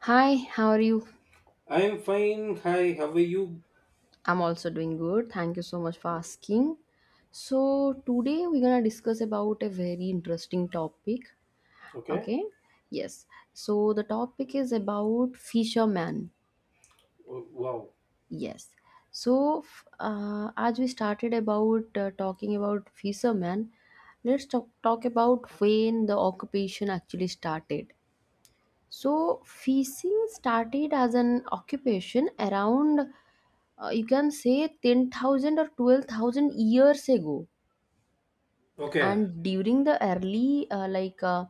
Hi, how are you? I'm fine. Hi, how are you? I'm also doing good. Thank you so much for asking. So, today we're going to discuss about a very interesting topic. Okay. Okay? Yes. So, the topic is about fisherman. Oh, wow. Yes. So, as we started about talking about fisherman, let's talk about when the occupation actually started. So, fishing started as an occupation around you can say 10,000 or 12,000 years ago. Okay. And during the early uh, like uh,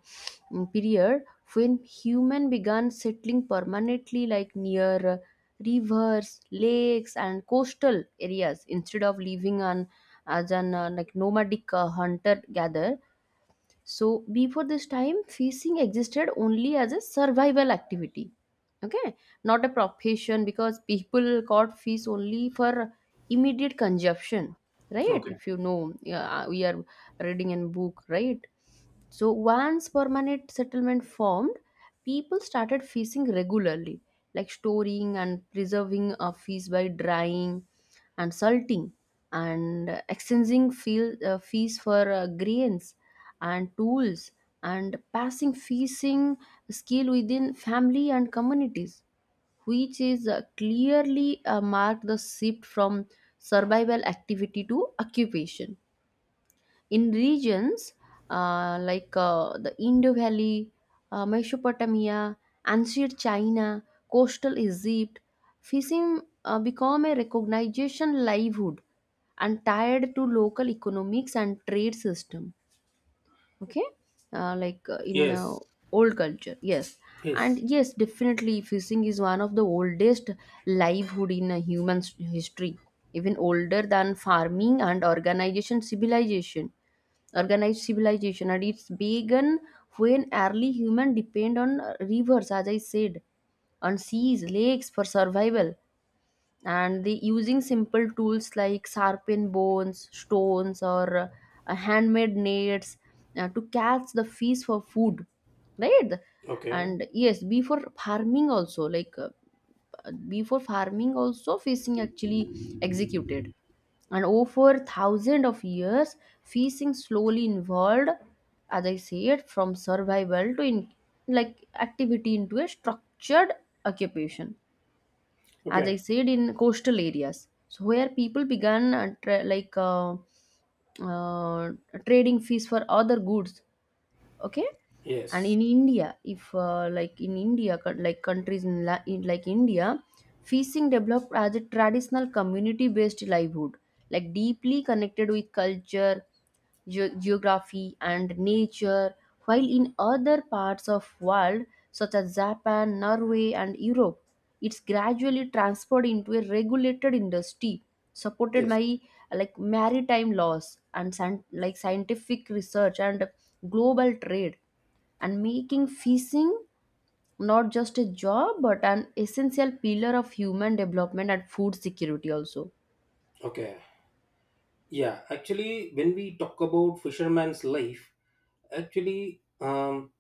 mm, period when human began settling permanently like near rivers, lakes and coastal areas instead of living on as an like nomadic hunter gatherer, so before this time, fishing existed only as a survival activity. Okay, not a profession because people caught fish only for immediate consumption, right? Okay. If you know, yeah, we are reading in book, right? So once permanent settlement formed, people started fishing regularly, like storing and preserving a fish by drying and salting and exchanging fish for grains and tools and passing fishing skill within family and communities, which is clearly marked the shift from survival activity to occupation. In regions the Indo Valley, Mesopotamia, ancient China, coastal Egypt, fishing became a recognition livelihood and tied to local economics and trade system. Okay, like in Yes. old culture. Yes, and Yes. yes, definitely fishing is one of the oldest livelihood in human s- history, even older than farming and organization civilization organized civilization, and it's began when early human depend on rivers, as I said, on seas, lakes for survival, and the using simple tools like sharpen bones, stones or handmade nets to catch the fish for food, right? Okay. And yes, before farming also fishing actually executed, and over thousands of years fishing slowly evolved, as I said, from survival to in like activity into a structured occupation. As I Okay. said, in coastal areas. So where people began uh, trading fish for other goods. Okay, and Yes. in India, if like in india co- like countries in, la- in like India fishing developed as a traditional community based livelihood, like deeply connected with culture, geography and nature, while in other parts of world such as Japan, Norway and Europe it's gradually transferred into a regulated industry supported Yes. by like maritime laws and scientific research and global trade, and making fishing not just a job but an essential pillar of human development and food security also. Okay. Yeah. Actually, when we talk about fisherman's life, actually, um,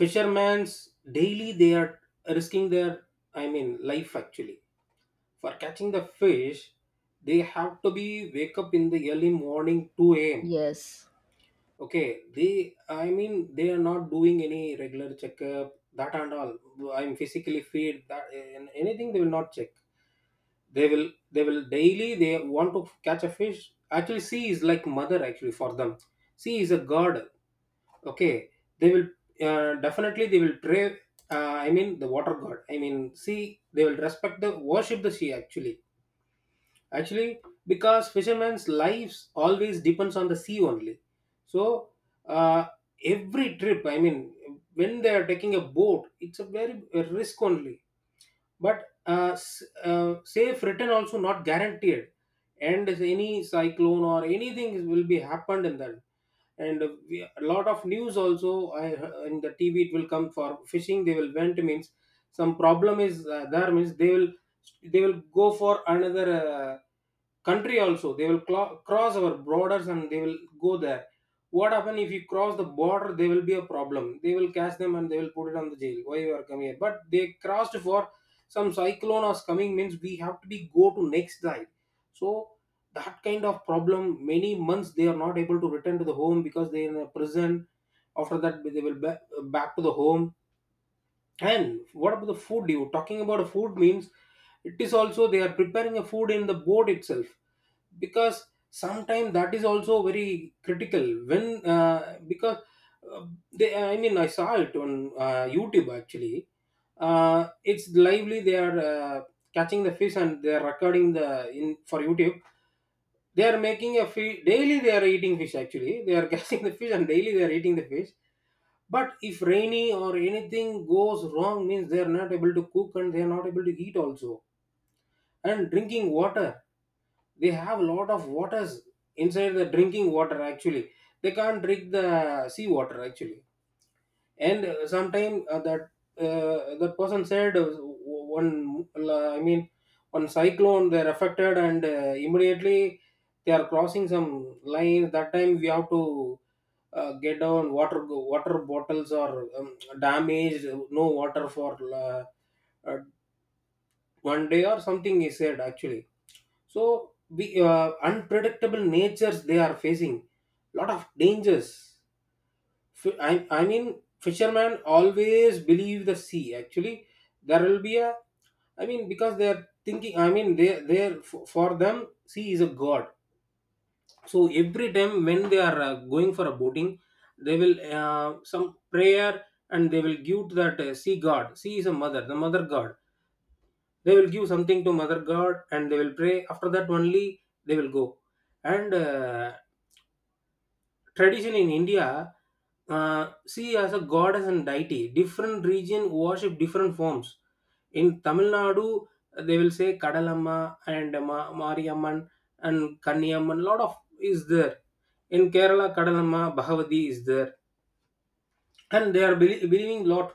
fisherman's daily they are risking life actually for catching the fish. They have to be wake up in the early morning 2 a.m. Yes. Okay, they are not doing any regular checkup, that and all. I'm physically fit, that and anything they will not check. They will daily. They want to catch a fish. Actually, sea is like mother actually for them. Sea is a god. Okay, they will definitely they will pray. The water god. I mean, sea. They will respect the worship the sea actually because fishermen's lives always depends on the sea only so uh, every trip, I mean, when they are taking a boat, it's a very a risk only, but safe return also not guaranteed. And if any cyclone or anything will be happened in that, and we, a lot of news also in the TV it will come. For fishing they will went means some problem is there means they will go for another country also. They will cross our borders and they will go there. What happen if you cross the border, there will be a problem. They will catch them and they will put it on the jail. Why you are coming here? But they crossed for some cyclone is coming means we have to be go to next night. So that kind of problem, many months they are not able to return to the home because they are in a prison. After that they will back, back to the home. And what about the food? You talking about food means it is also they are preparing a food in the boat itself, because sometimes that is also very critical. When because uh, they, I mean, I saw it on YouTube actually. It's lively. They are catching the fish and they are recording the in for YouTube. They are making a fish daily. They are eating fish actually. They are catching the fish and daily they are eating the fish. But if rainy or anything goes wrong, means they are not able to cook and they are not able to eat also. And drinking water, they have a lot of waters inside the drinking water actually. They can't drink the sea water actually. And sometime that that person said, one I mean one cyclone they're affected, and immediately they are crossing some lines. That time we have to get down water, water bottles or damaged, no water for uh, 1 day or something is said actually. So we unpredictable natures they are facing lot of dangers. Fishermen always believe the sea. Actually, there will be a. I mean, because they are thinking. I mean, they for them sea is a god. So every time when they are going for a boating, they will some prayer, and they will give to that sea god. Sea is a mother, the mother god. They will give something to mother god and they will pray. After that only they will go. And tradition in India, see as a goddess and deity. Different region worship different forms. In Tamil Nadu, they will say Kadalamma and Mariamman and Kanniamman. Lot of is there. In Kerala, Kadalamma, Bhagavati is there, and they are believing lot.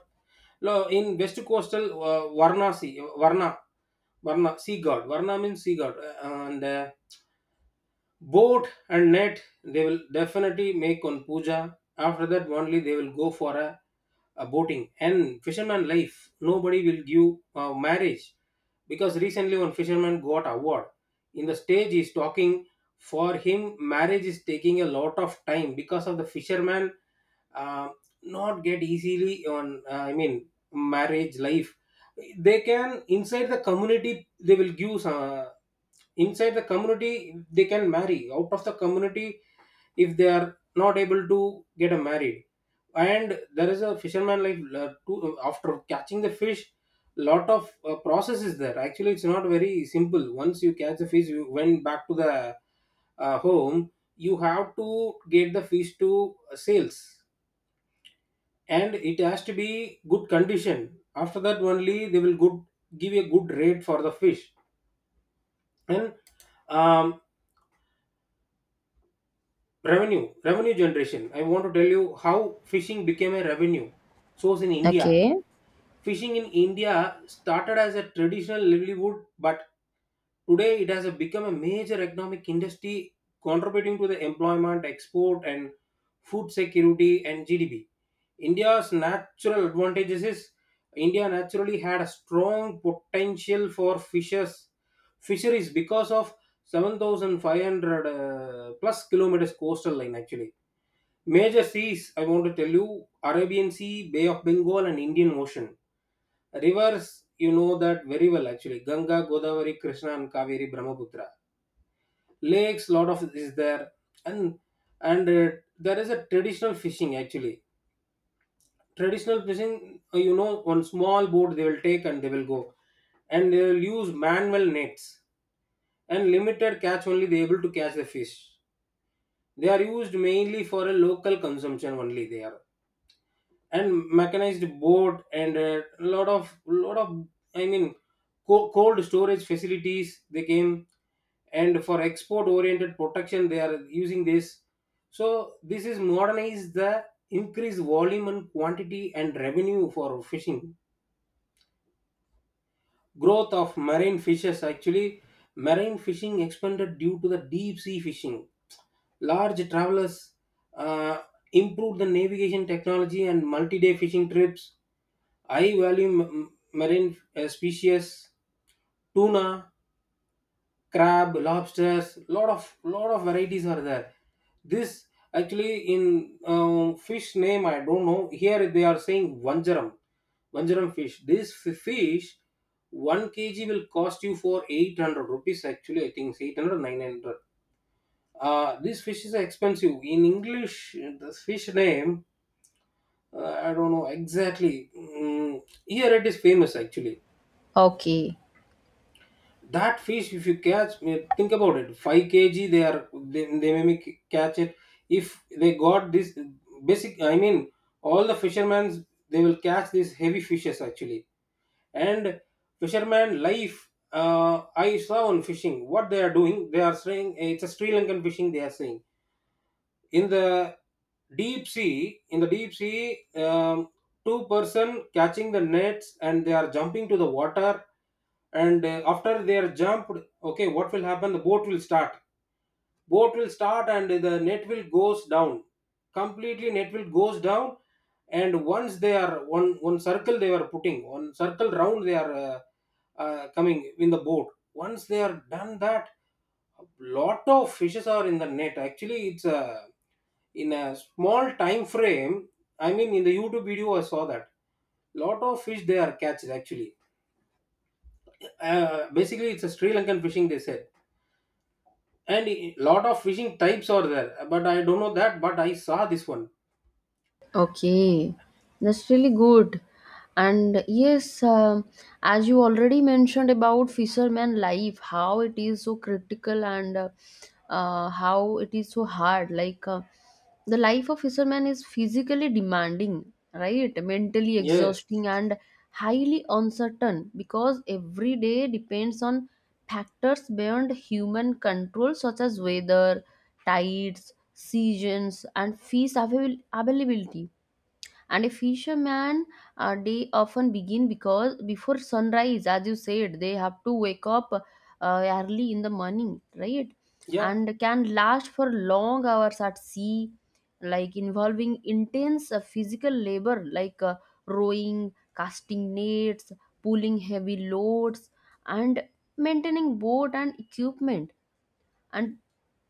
In west coastal Varna, sea, Varna, Varna, sea god. Varna means sea god. And Boat and net, they will definitely make on puja. After that, only they will go for a boating. And fisherman life, nobody will give marriage, because recently one fisherman got award. In the stage, he's talking for him. Marriage is taking a lot of time because of the fisherman uh, not get easily on. I mean, marriage life. They can inside the community. They will give some inside the community. They can marry out of the community if they are not able to get a married. And there is a fisherman like after catching the fish, lot of process is there actually. It's not very simple. Once you catch the fish, you went back to the home, you have to get the fish to sales, and it has to be good condition. After that only they will good give a good rate for the fish. And um, revenue generation, I want to tell you how fishing became a revenue source in India. Okay. Fishing in India started as a traditional livelihood, but today it has become a major economic industry, contributing to the employment, export, and food security and GDP. India's natural advantages is India naturally had a strong potential for fishers fisheries because of 7,500 plus kilometers coastal line actually. Major seas, I want to tell you Arabian Sea, Bay of Bengal, and Indian Ocean. Rivers, you know that very well actually, Ganga, Godavari, Krishna, and Kaveri, Brahmaputra. Lakes, lot of is there, and and uh, there is a traditional fishing actually. Traditional fishing, you know, on small boat they will take and they will go, and they will use manual nets and limited catch only they able to catch the fish. They are used mainly for a local consumption only. They are, and mechanized boat and a lot of I mean cold storage facilities they came, and for export oriented protection they are using this. So this is modernize the increased volume and quantity and revenue for fishing. Growth of marine fishes actually. Marine fishing expanded due to the deep sea fishing, large travelers, uh, improved the navigation technology and multi-day fishing trips. I value marine species, tuna, crab, lobsters. Lot of varieties are there. This actually in fish name I don't know. Here they are saying vanjaram, vanjaram fish. This fish, one kg will cost you for 800 rupees. Actually, I think it's eight hundred nine hundred. This fish is expensive. In English, the fish name I don't know exactly. Mm, here it is famous actually. Okay. That fish if you catch, think about it, 5 kg they are, they may catch it. If they got this basic, I mean, all the fishermen they will catch these heavy fishes actually. And fisherman life, I saw on fishing what they are doing. They are saying, eh, it's a Sri Lankan fishing they are saying. In the deep sea, in the deep sea, two-person catching the nets and they are jumping to the water. And after they are jumped, okay, what will happen? The boat will start, boat will start and the net will goes down, completely net will goes down. And once they are one circle, they are putting one circle round, they are coming in the boat. Once they are done that, a lot of fishes are in the net actually. It's a, in a small time frame, I mean, in the YouTube video I saw that, lot of fish they are catched actually. Uh, basically it's a Sri Lankan fishing they said. And a lot of fishing types are there, but I don't know that, but I saw this one. Okay, that's really good. And yes, as you already mentioned about fisherman life, how it is so critical and how it is so hard. Like the life of fisherman is physically demanding, right? Mentally Yes. exhausting and highly uncertain because every day depends on factors beyond human control, such as weather, tides, seasons and availability. And a fisherman, they often begin because before sunrise, as you said, they have to wake up early in the morning, right? Yeah. And can last for long hours at sea, like involving intense physical labor, like rowing, casting nets, pulling heavy loads and maintaining boat and equipment, and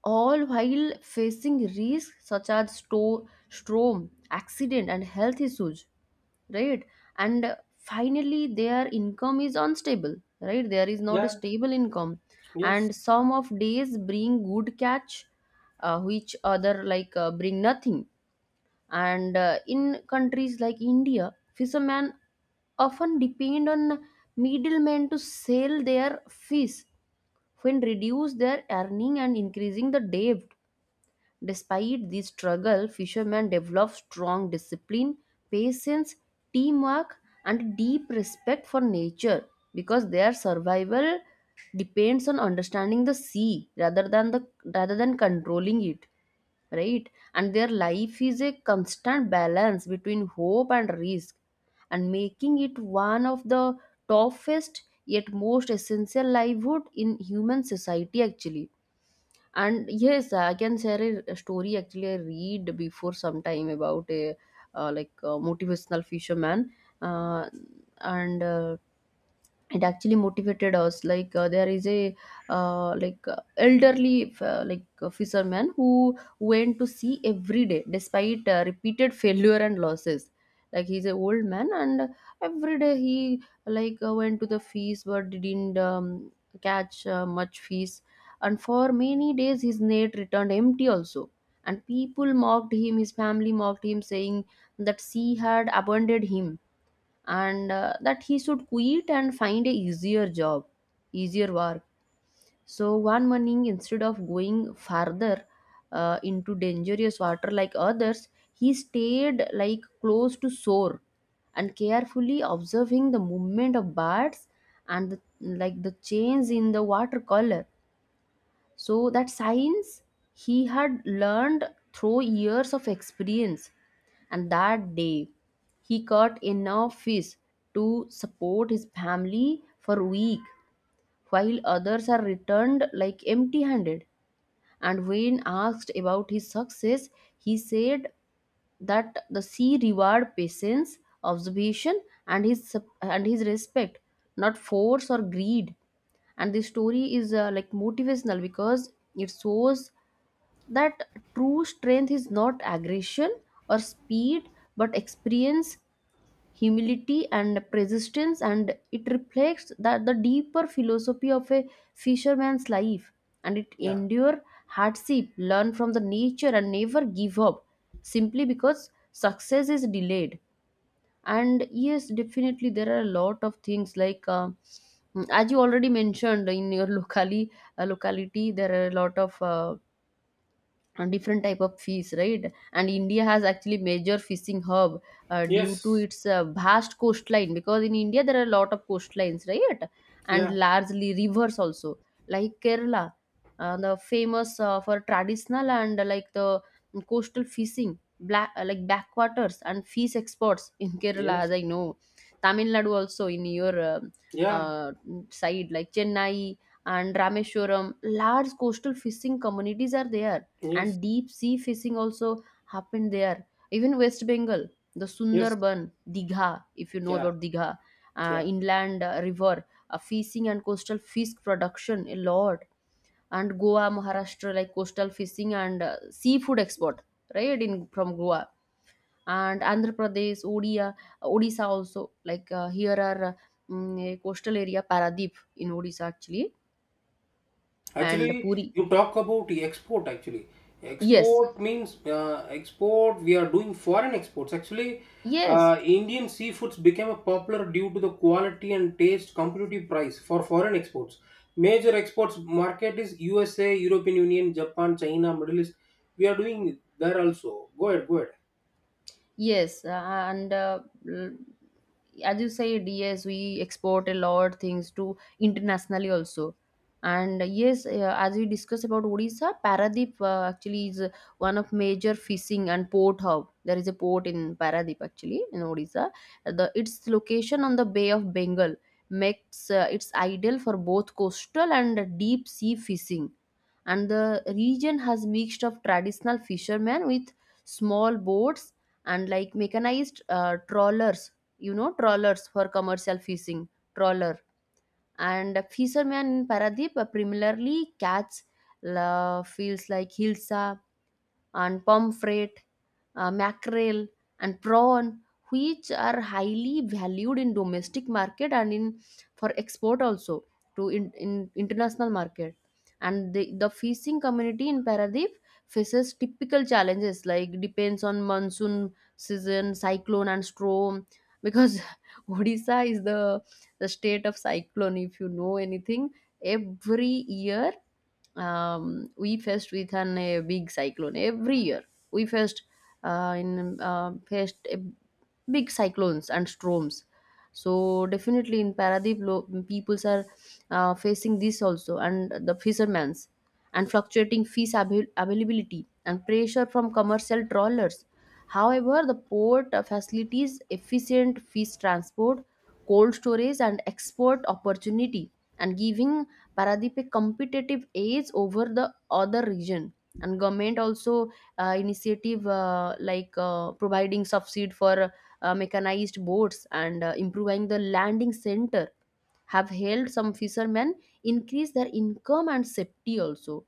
all while facing risks such as storm, accident, and health issues, right? And finally, their income is unstable, right? There is not a Yeah. stable income, Yes. and some of days bring good catch, which other like bring nothing. And in countries like India, fishermen often depend on middlemen to sell their fish when reduce their earning and increasing the debt. Despite this struggle, fishermen develop strong discipline, patience, teamwork, and deep respect for nature, because their survival depends on understanding the sea rather than controlling it, right? And their life is a constant balance between hope and risk, and making it one of the toughest yet most essential livelihood in human society, actually. And yes, I can share a story actually I read before some time about a like a motivational fisherman, uh, and it actually motivated us. Like there is a elderly fisherman who went to sea every day despite repeated failure and losses. Like he's an old man and every day he went to the feast but didn't catch much fish, and for many days his net returned empty also. And people mocked him, his family mocked him, saying that sea had abandoned him and that he should quit and find a easier work. So one morning, instead of going farther into dangerous water like others, he stayed like close to shore and carefully observing the movement of birds and like the change in the water color, so that science he had learned through years of experience. And that day, he caught enough fish to support his family for a week, while others are returned like empty handed. And when asked about his success, he said that the sea reward patience, observation, and his respect, not force or greed. And the story is like motivational because it shows that true strength is not aggression or speed, but experience, humility and persistence, and it reflects that the deeper philosophy of a fisherman's life, and it Yeah. endure hardship, learn from the nature and never give up simply because success is delayed. And yes, definitely there are a lot of things like as you already mentioned in your locally locality there are a lot of different type of fish, right? And India has actually major fishing hub due to Yes. its vast coastline, because in India there are a lot of coastlines, right? And Yeah. largely rivers also, like Kerala, the famous for traditional and like the coastal fishing, black like backwaters and fish exports in Kerala, Yes. as I know. Tamil Nadu also, in your Yeah. uh, side, like Chennai and Rameshwaram, large coastal fishing communities are there, and Yes. deep sea fishing also happened there. Even West Bengal, the Yes. Sundarban, Digha, if you know Yeah. about Digha, Yeah. inland river fishing and coastal fish production a lot. And Goa, Maharashtra, like coastal fishing and seafood export, right, in from Goa. And Andhra Pradesh, odia Odisha also, like a coastal area Paradip in Odisha actually, and Actually, Puri. you talk about the export. Actually, Yes. export means export. We are doing foreign exports. Actually, Yes. Indian seafoods became popular due to the quality and taste competitive price for foreign exports. Major exports market is USA, European Union, Japan, China, Middle East. We are doing there also. Go ahead, go ahead. Yes, l- as you said, yes, we export a lot things to internationally also. And yes, as we discussed about Odisha, Paradip actually is one of major fishing and port hub. There is a port in Paradip actually in Odisha. The Its location on the Bay of Bengal makes it's ideal for both coastal and deep sea fishing. And the region has mixed of traditional fishermen with small boats and like mechanized trawlers, you know, trawlers for commercial fishing, trawler. And fishermen in Paradip primarily catch la, feels like hilsa and pomfret, mackerel, and prawn, which are highly valued in domestic market and in for export also to in international market. And the fishing community in Paradip faces typical challenges like depends on monsoon season, cyclone, and storm, because Odisha is the state of cyclone. If you know anything, every year we faced with a big cyclone every year, we faced in faced a big cyclones and storms. So definitely in Paradip, peoples are facing this also, and the fishermen's and fluctuating availability and pressure from commercial trawlers. However, the port facilities, efficient fish transport, cold storage and export opportunity, and giving Paradip a competitive edge over the other region. And government also initiative providing subsidy for mechanized boats and improving the landing center have helped some fishermen increase their income and safety also.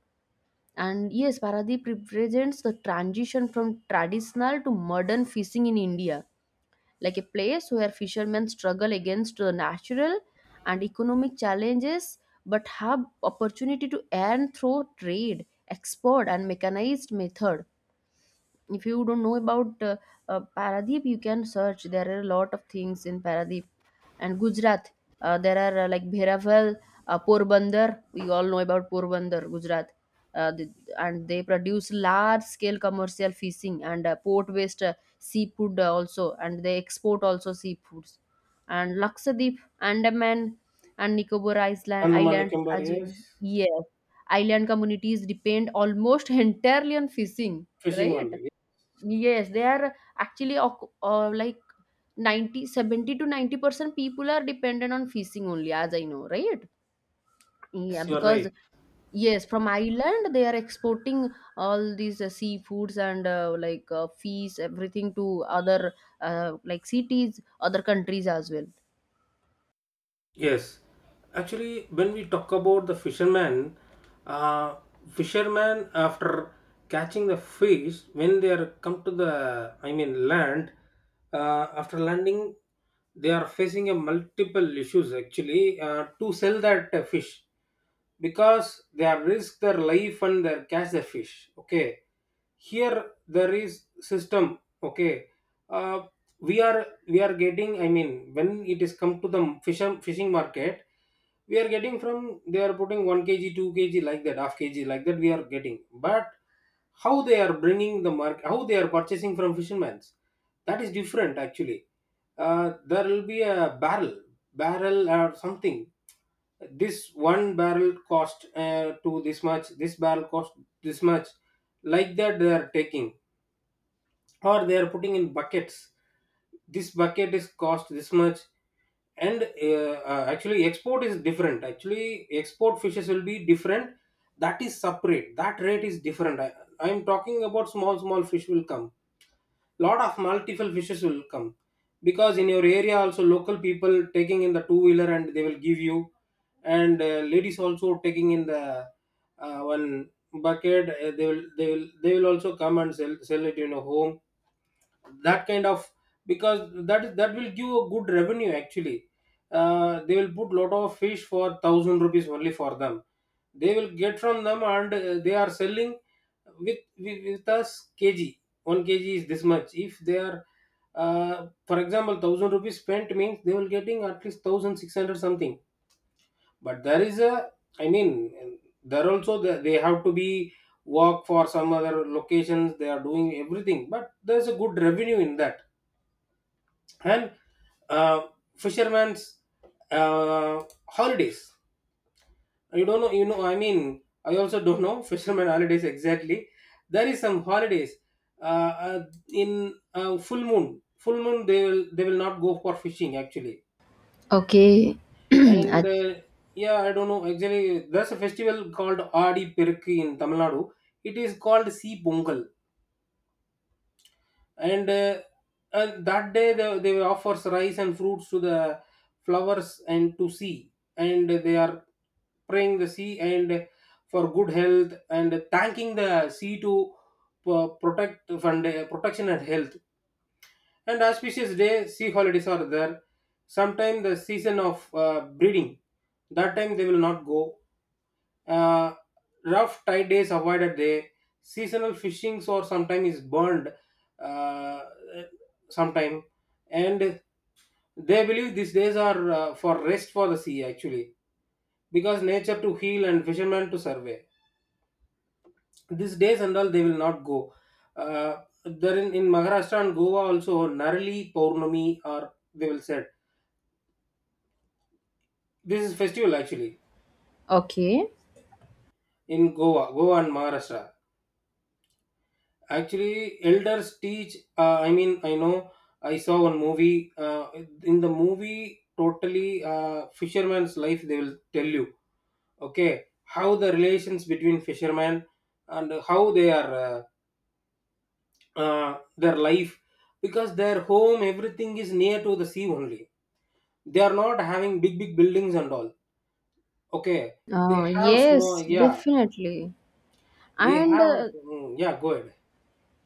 And yes, Paradip represents the transition from traditional to modern fishing in India, like a place where fishermen struggle against natural and economic challenges but have opportunity to earn through trade, export and mechanized method. If you don't know about Paradeep, you can search. There are a lot of things in Paradeep. And Gujarat, there are like Bheravel, Porbandar. We all know about Porbandar, Gujarat. Uh, the, and they produce large scale commercial fishing and port based seafood also, and they export also seafoods. And Lakshadweep, Andaman, and Nicobar Island, Andaman Island, Nicobar, as we— yes. yes, island communities depend almost entirely on fishing, Fishing right? only. Yes, they are actually 90 70 to 90% people are dependent on fishing only, as I know, right? Yeah, Yes, you are because right. yes, from Ireland they are exporting all these seafoods and like fish, everything to other like cities, other countries as well. Yes, actually, when we talk about the fisherman, uh, fisherman after catching the fish, when they are come to the, I mean, land, after landing, they are facing a multiple issues actually to sell that fish because they are risk their life and they catch the fish. Okay, here there is system, okay. uh, we are getting, I mean, when it is come to the fishing market, we are getting from, they are putting 1 kg 2 kg like that, half kg like that we are getting. But how they are bringing the market, how they are purchasing from fishermen's, that is different actually. There will be a barrel or something. This one barrel cost, to this much this barrel cost, this much, like that they are taking. Or they are putting in buckets, this bucket is cost this much. And actually export is different actually. Export fishes will be different, that is separate, that rate is different. I'm talking about small small fish will come, lot of multiple fishes will come. Because in your area also, local people taking in the two wheeler and they will give you. And ladies also taking in the one bucket. They will also come and sell, sell it in a home, that kind of. Because that will give a good revenue actually. They will put lot of fish for 1000 rupees only. For them, they will get from them and they are selling with with us kg. 1 kg is this much. If they are, for example, 1000 rupees spent means they will getting at least 1600 something. But there is a, I mean, there also the, they have to be work for some other locations, they are doing everything, but there's a good revenue in that. And uh, fishermen's uh, holidays. You don't know, I mean, I also don't know fishermen holidays exactly. There is some holidays uh, uh, in full moon. Full moon, they will not go for fishing actually. Okay. And Ach- yeah, I don't know actually. There's a festival called Adi Perukku in Tamil Nadu. It is called Sea Pongal. And and that day they offers rice and fruits to the flowers and to sea, and they are praying the sea and for good health and thanking the sea to protection and health. And auspicious day sea holidays are there. Sometime the season of breeding, that time they will not go. uh, Rough tide days avoided there. Seasonal fishings or sometimes is burned. Uh, sometime, and they believe these days are for rest for the sea actually, because nature to heal and fishermen to survey. These days and all they will not go. There in Maharashtra and Goa also Narali Purnami, or they will said, this is festival actually, okay. in Goa and Maharashtra. Actually, elders teach. I mean, I know. I saw one movie. In the movie, totally fisherman's life. They will tell you, okay, how the relations between fishermen and how they are their life, because their home, everything is near to the sea only. They are not having big big buildings and all. Okay, they have small. Yes, Yeah, definitely. they And have. Mm, yeah, go ahead.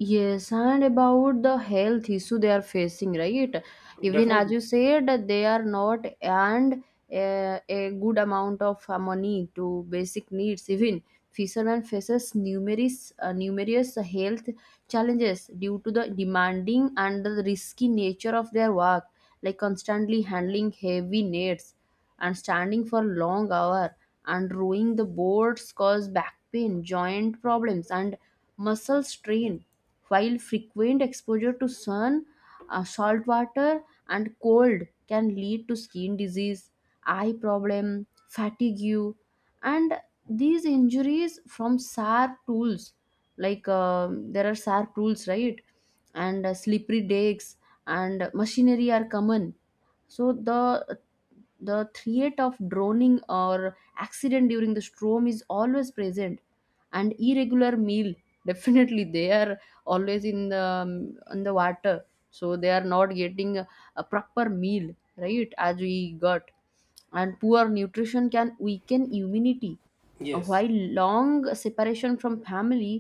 yes, and about the health issue they are facing, right? Even as Definitely, you said, that they are not and a good amount of money to basic needs. Even fishermen faces numerous health challenges due to the demanding and the risky nature of their work, like constantly handling heavy nets and standing for long hour and rowing the boats cause back pain joint problems and muscle strain while frequent exposure to sun, salt water, and cold can lead to skin disease, eye problem, fatigue, and these injuries from sharp tools, like there are sharp tools, right? And slippery decks and machinery are common. So the threat of drowning or accident during the storm is always present, and irregular meal. Definitely they are always in the water, so they are not getting a proper meal, right, as we got. And poor nutrition can weaken immunity. Yes. While long separation from family,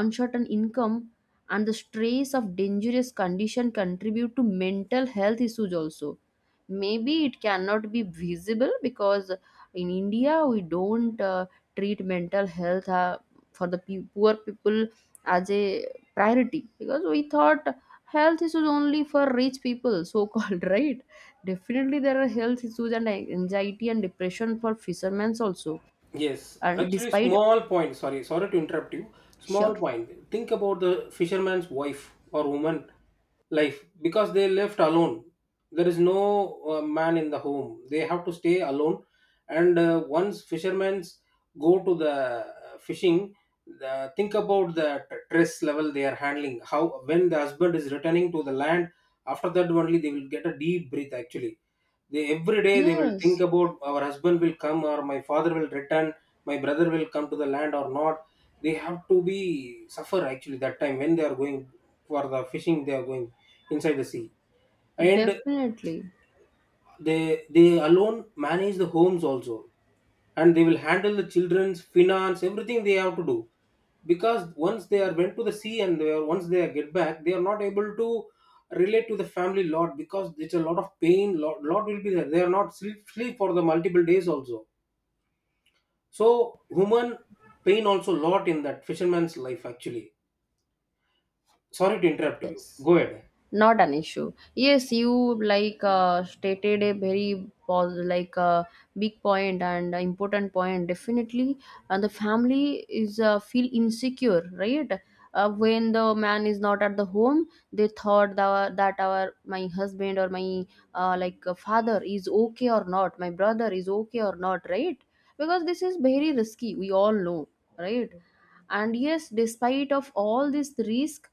uncertain income, and the stress of dangerous condition contribute to mental health issues also. Maybe it cannot be visible because in india we don't treat mental health for the poor people as a priority, because we thought health issues only for rich people so called. Right, definitely there are health issues and anxiety and depression for fishermen also, Yes, and actually, despite small point. Sorry, sorry to interrupt you. Small sure, point. Think about the fisherman's wife or woman life, because they left alone. There is no man in the home. They have to stay alone. And once fishermen go to the fishing, the, think about the stress level they are handling. How when the husband is returning to the land, after that only they will get a deep breath actually. They every day they will think yes, about, our husband will come, or my father will return, my brother will come to the land or not. They have to be suffer actually that time, when they are going for the fishing. They are going inside the sea, and definitely, they alone manage the homes also, and they will handle the children's, finance, everything they have to do. Because once they are went to the sea, and they are, once they are get back, they are not able to relate to the family lot, because it's a lot of pain, lot will be there. They are not sleep for the multiple days also. So human pain also lot in that fisherman's life actually. Sorry to interrupt yes, you, go ahead. not an issue, yes, you, like stated a very like big point and important point, definitely. And the family is feel insecure, right? When the man is not at the home, they thought that, that our my husband or my like father is okay or not, my brother is okay or not, right? Because this is very risky, we all know, right? And yes, despite of all this risk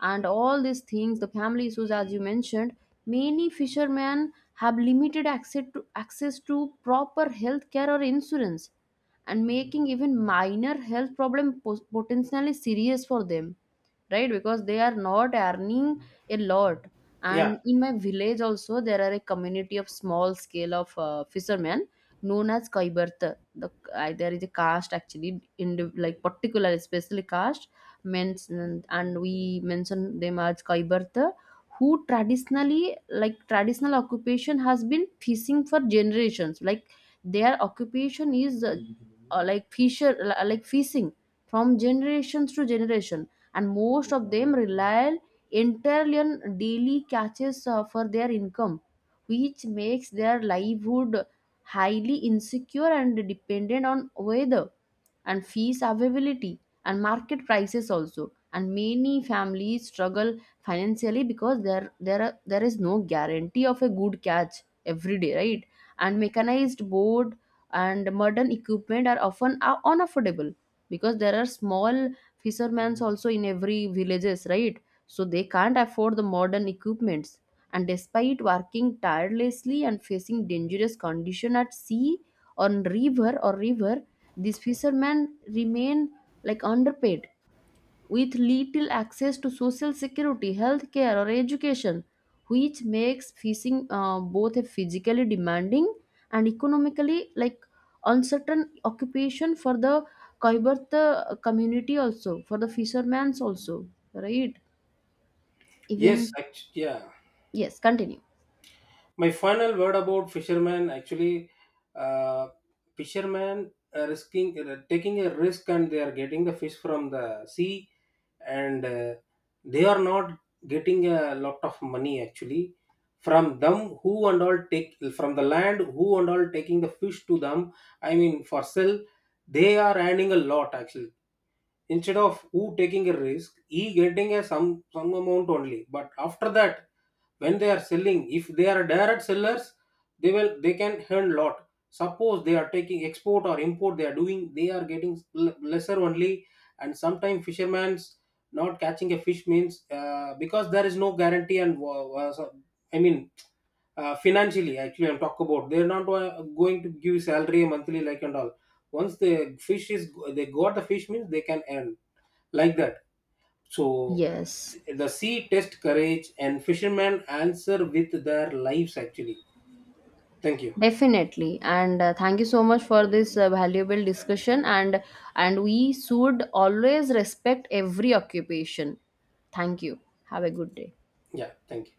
and all these things, the family issues, as you mentioned, many fishermen have limited access to proper health care or insurance and making even minor health problem potentially serious for them, right, because they are not earning a lot. Yeah, And in my village also there are a community of small scale of fishermen known as kaibarta, the there is a caste actually in like particular especially caste mentioned, and we mention them as kaibarta, who traditionally, like traditional occupation has been fishing for generations, like their occupation is like like fishing from generations to generation. And most of them rely entirely on daily catches for their income, which makes their livelihood highly insecure and dependent on weather and fees availability and market prices also. And many families struggle financially because there is no guarantee of a good catch every day, right? And mechanized board and modern equipment are often unaffordable, because there are small fishermen also in every villages, right? So they can't afford the modern equipments. And despite working tirelessly and facing dangerous condition at sea, on river or river, these fishermen remain like underpaid, with little access to social security, health care, or education, which makes fishing both a physically demanding and economically like uncertain occupation for the Kaibartha community, also for the fishermen's also, right? yes Even act- yeah yes, continue, My final word about fishermen actually. uh, Fishermen are risking, taking a risk, and they are getting the fish from the sea. And they are not getting a lot of money actually. From them, who and all take from the land, who and all taking the fish to them, I mean for sale, they are earning a lot actually. Instead of, who taking a risk, he getting a some amount only. But after that, when they are selling, if they are direct sellers, they will they can earn lot. Suppose they are taking export or import they are doing, they are getting lesser only. And sometimes fishermen's not catching a fish means, because there is no guarantee. And I mean, financially actually I'm talk about, they're not going to give salary monthly like and all. Once the fish is, they got the fish means they can earn like that. So yes. the sea test courage, and fishermen answer with their lives actually. Thank you. Definitely, and thank you so much for this valuable discussion. And we should always respect every occupation. Thank you. Have a good day. Yeah, thank you.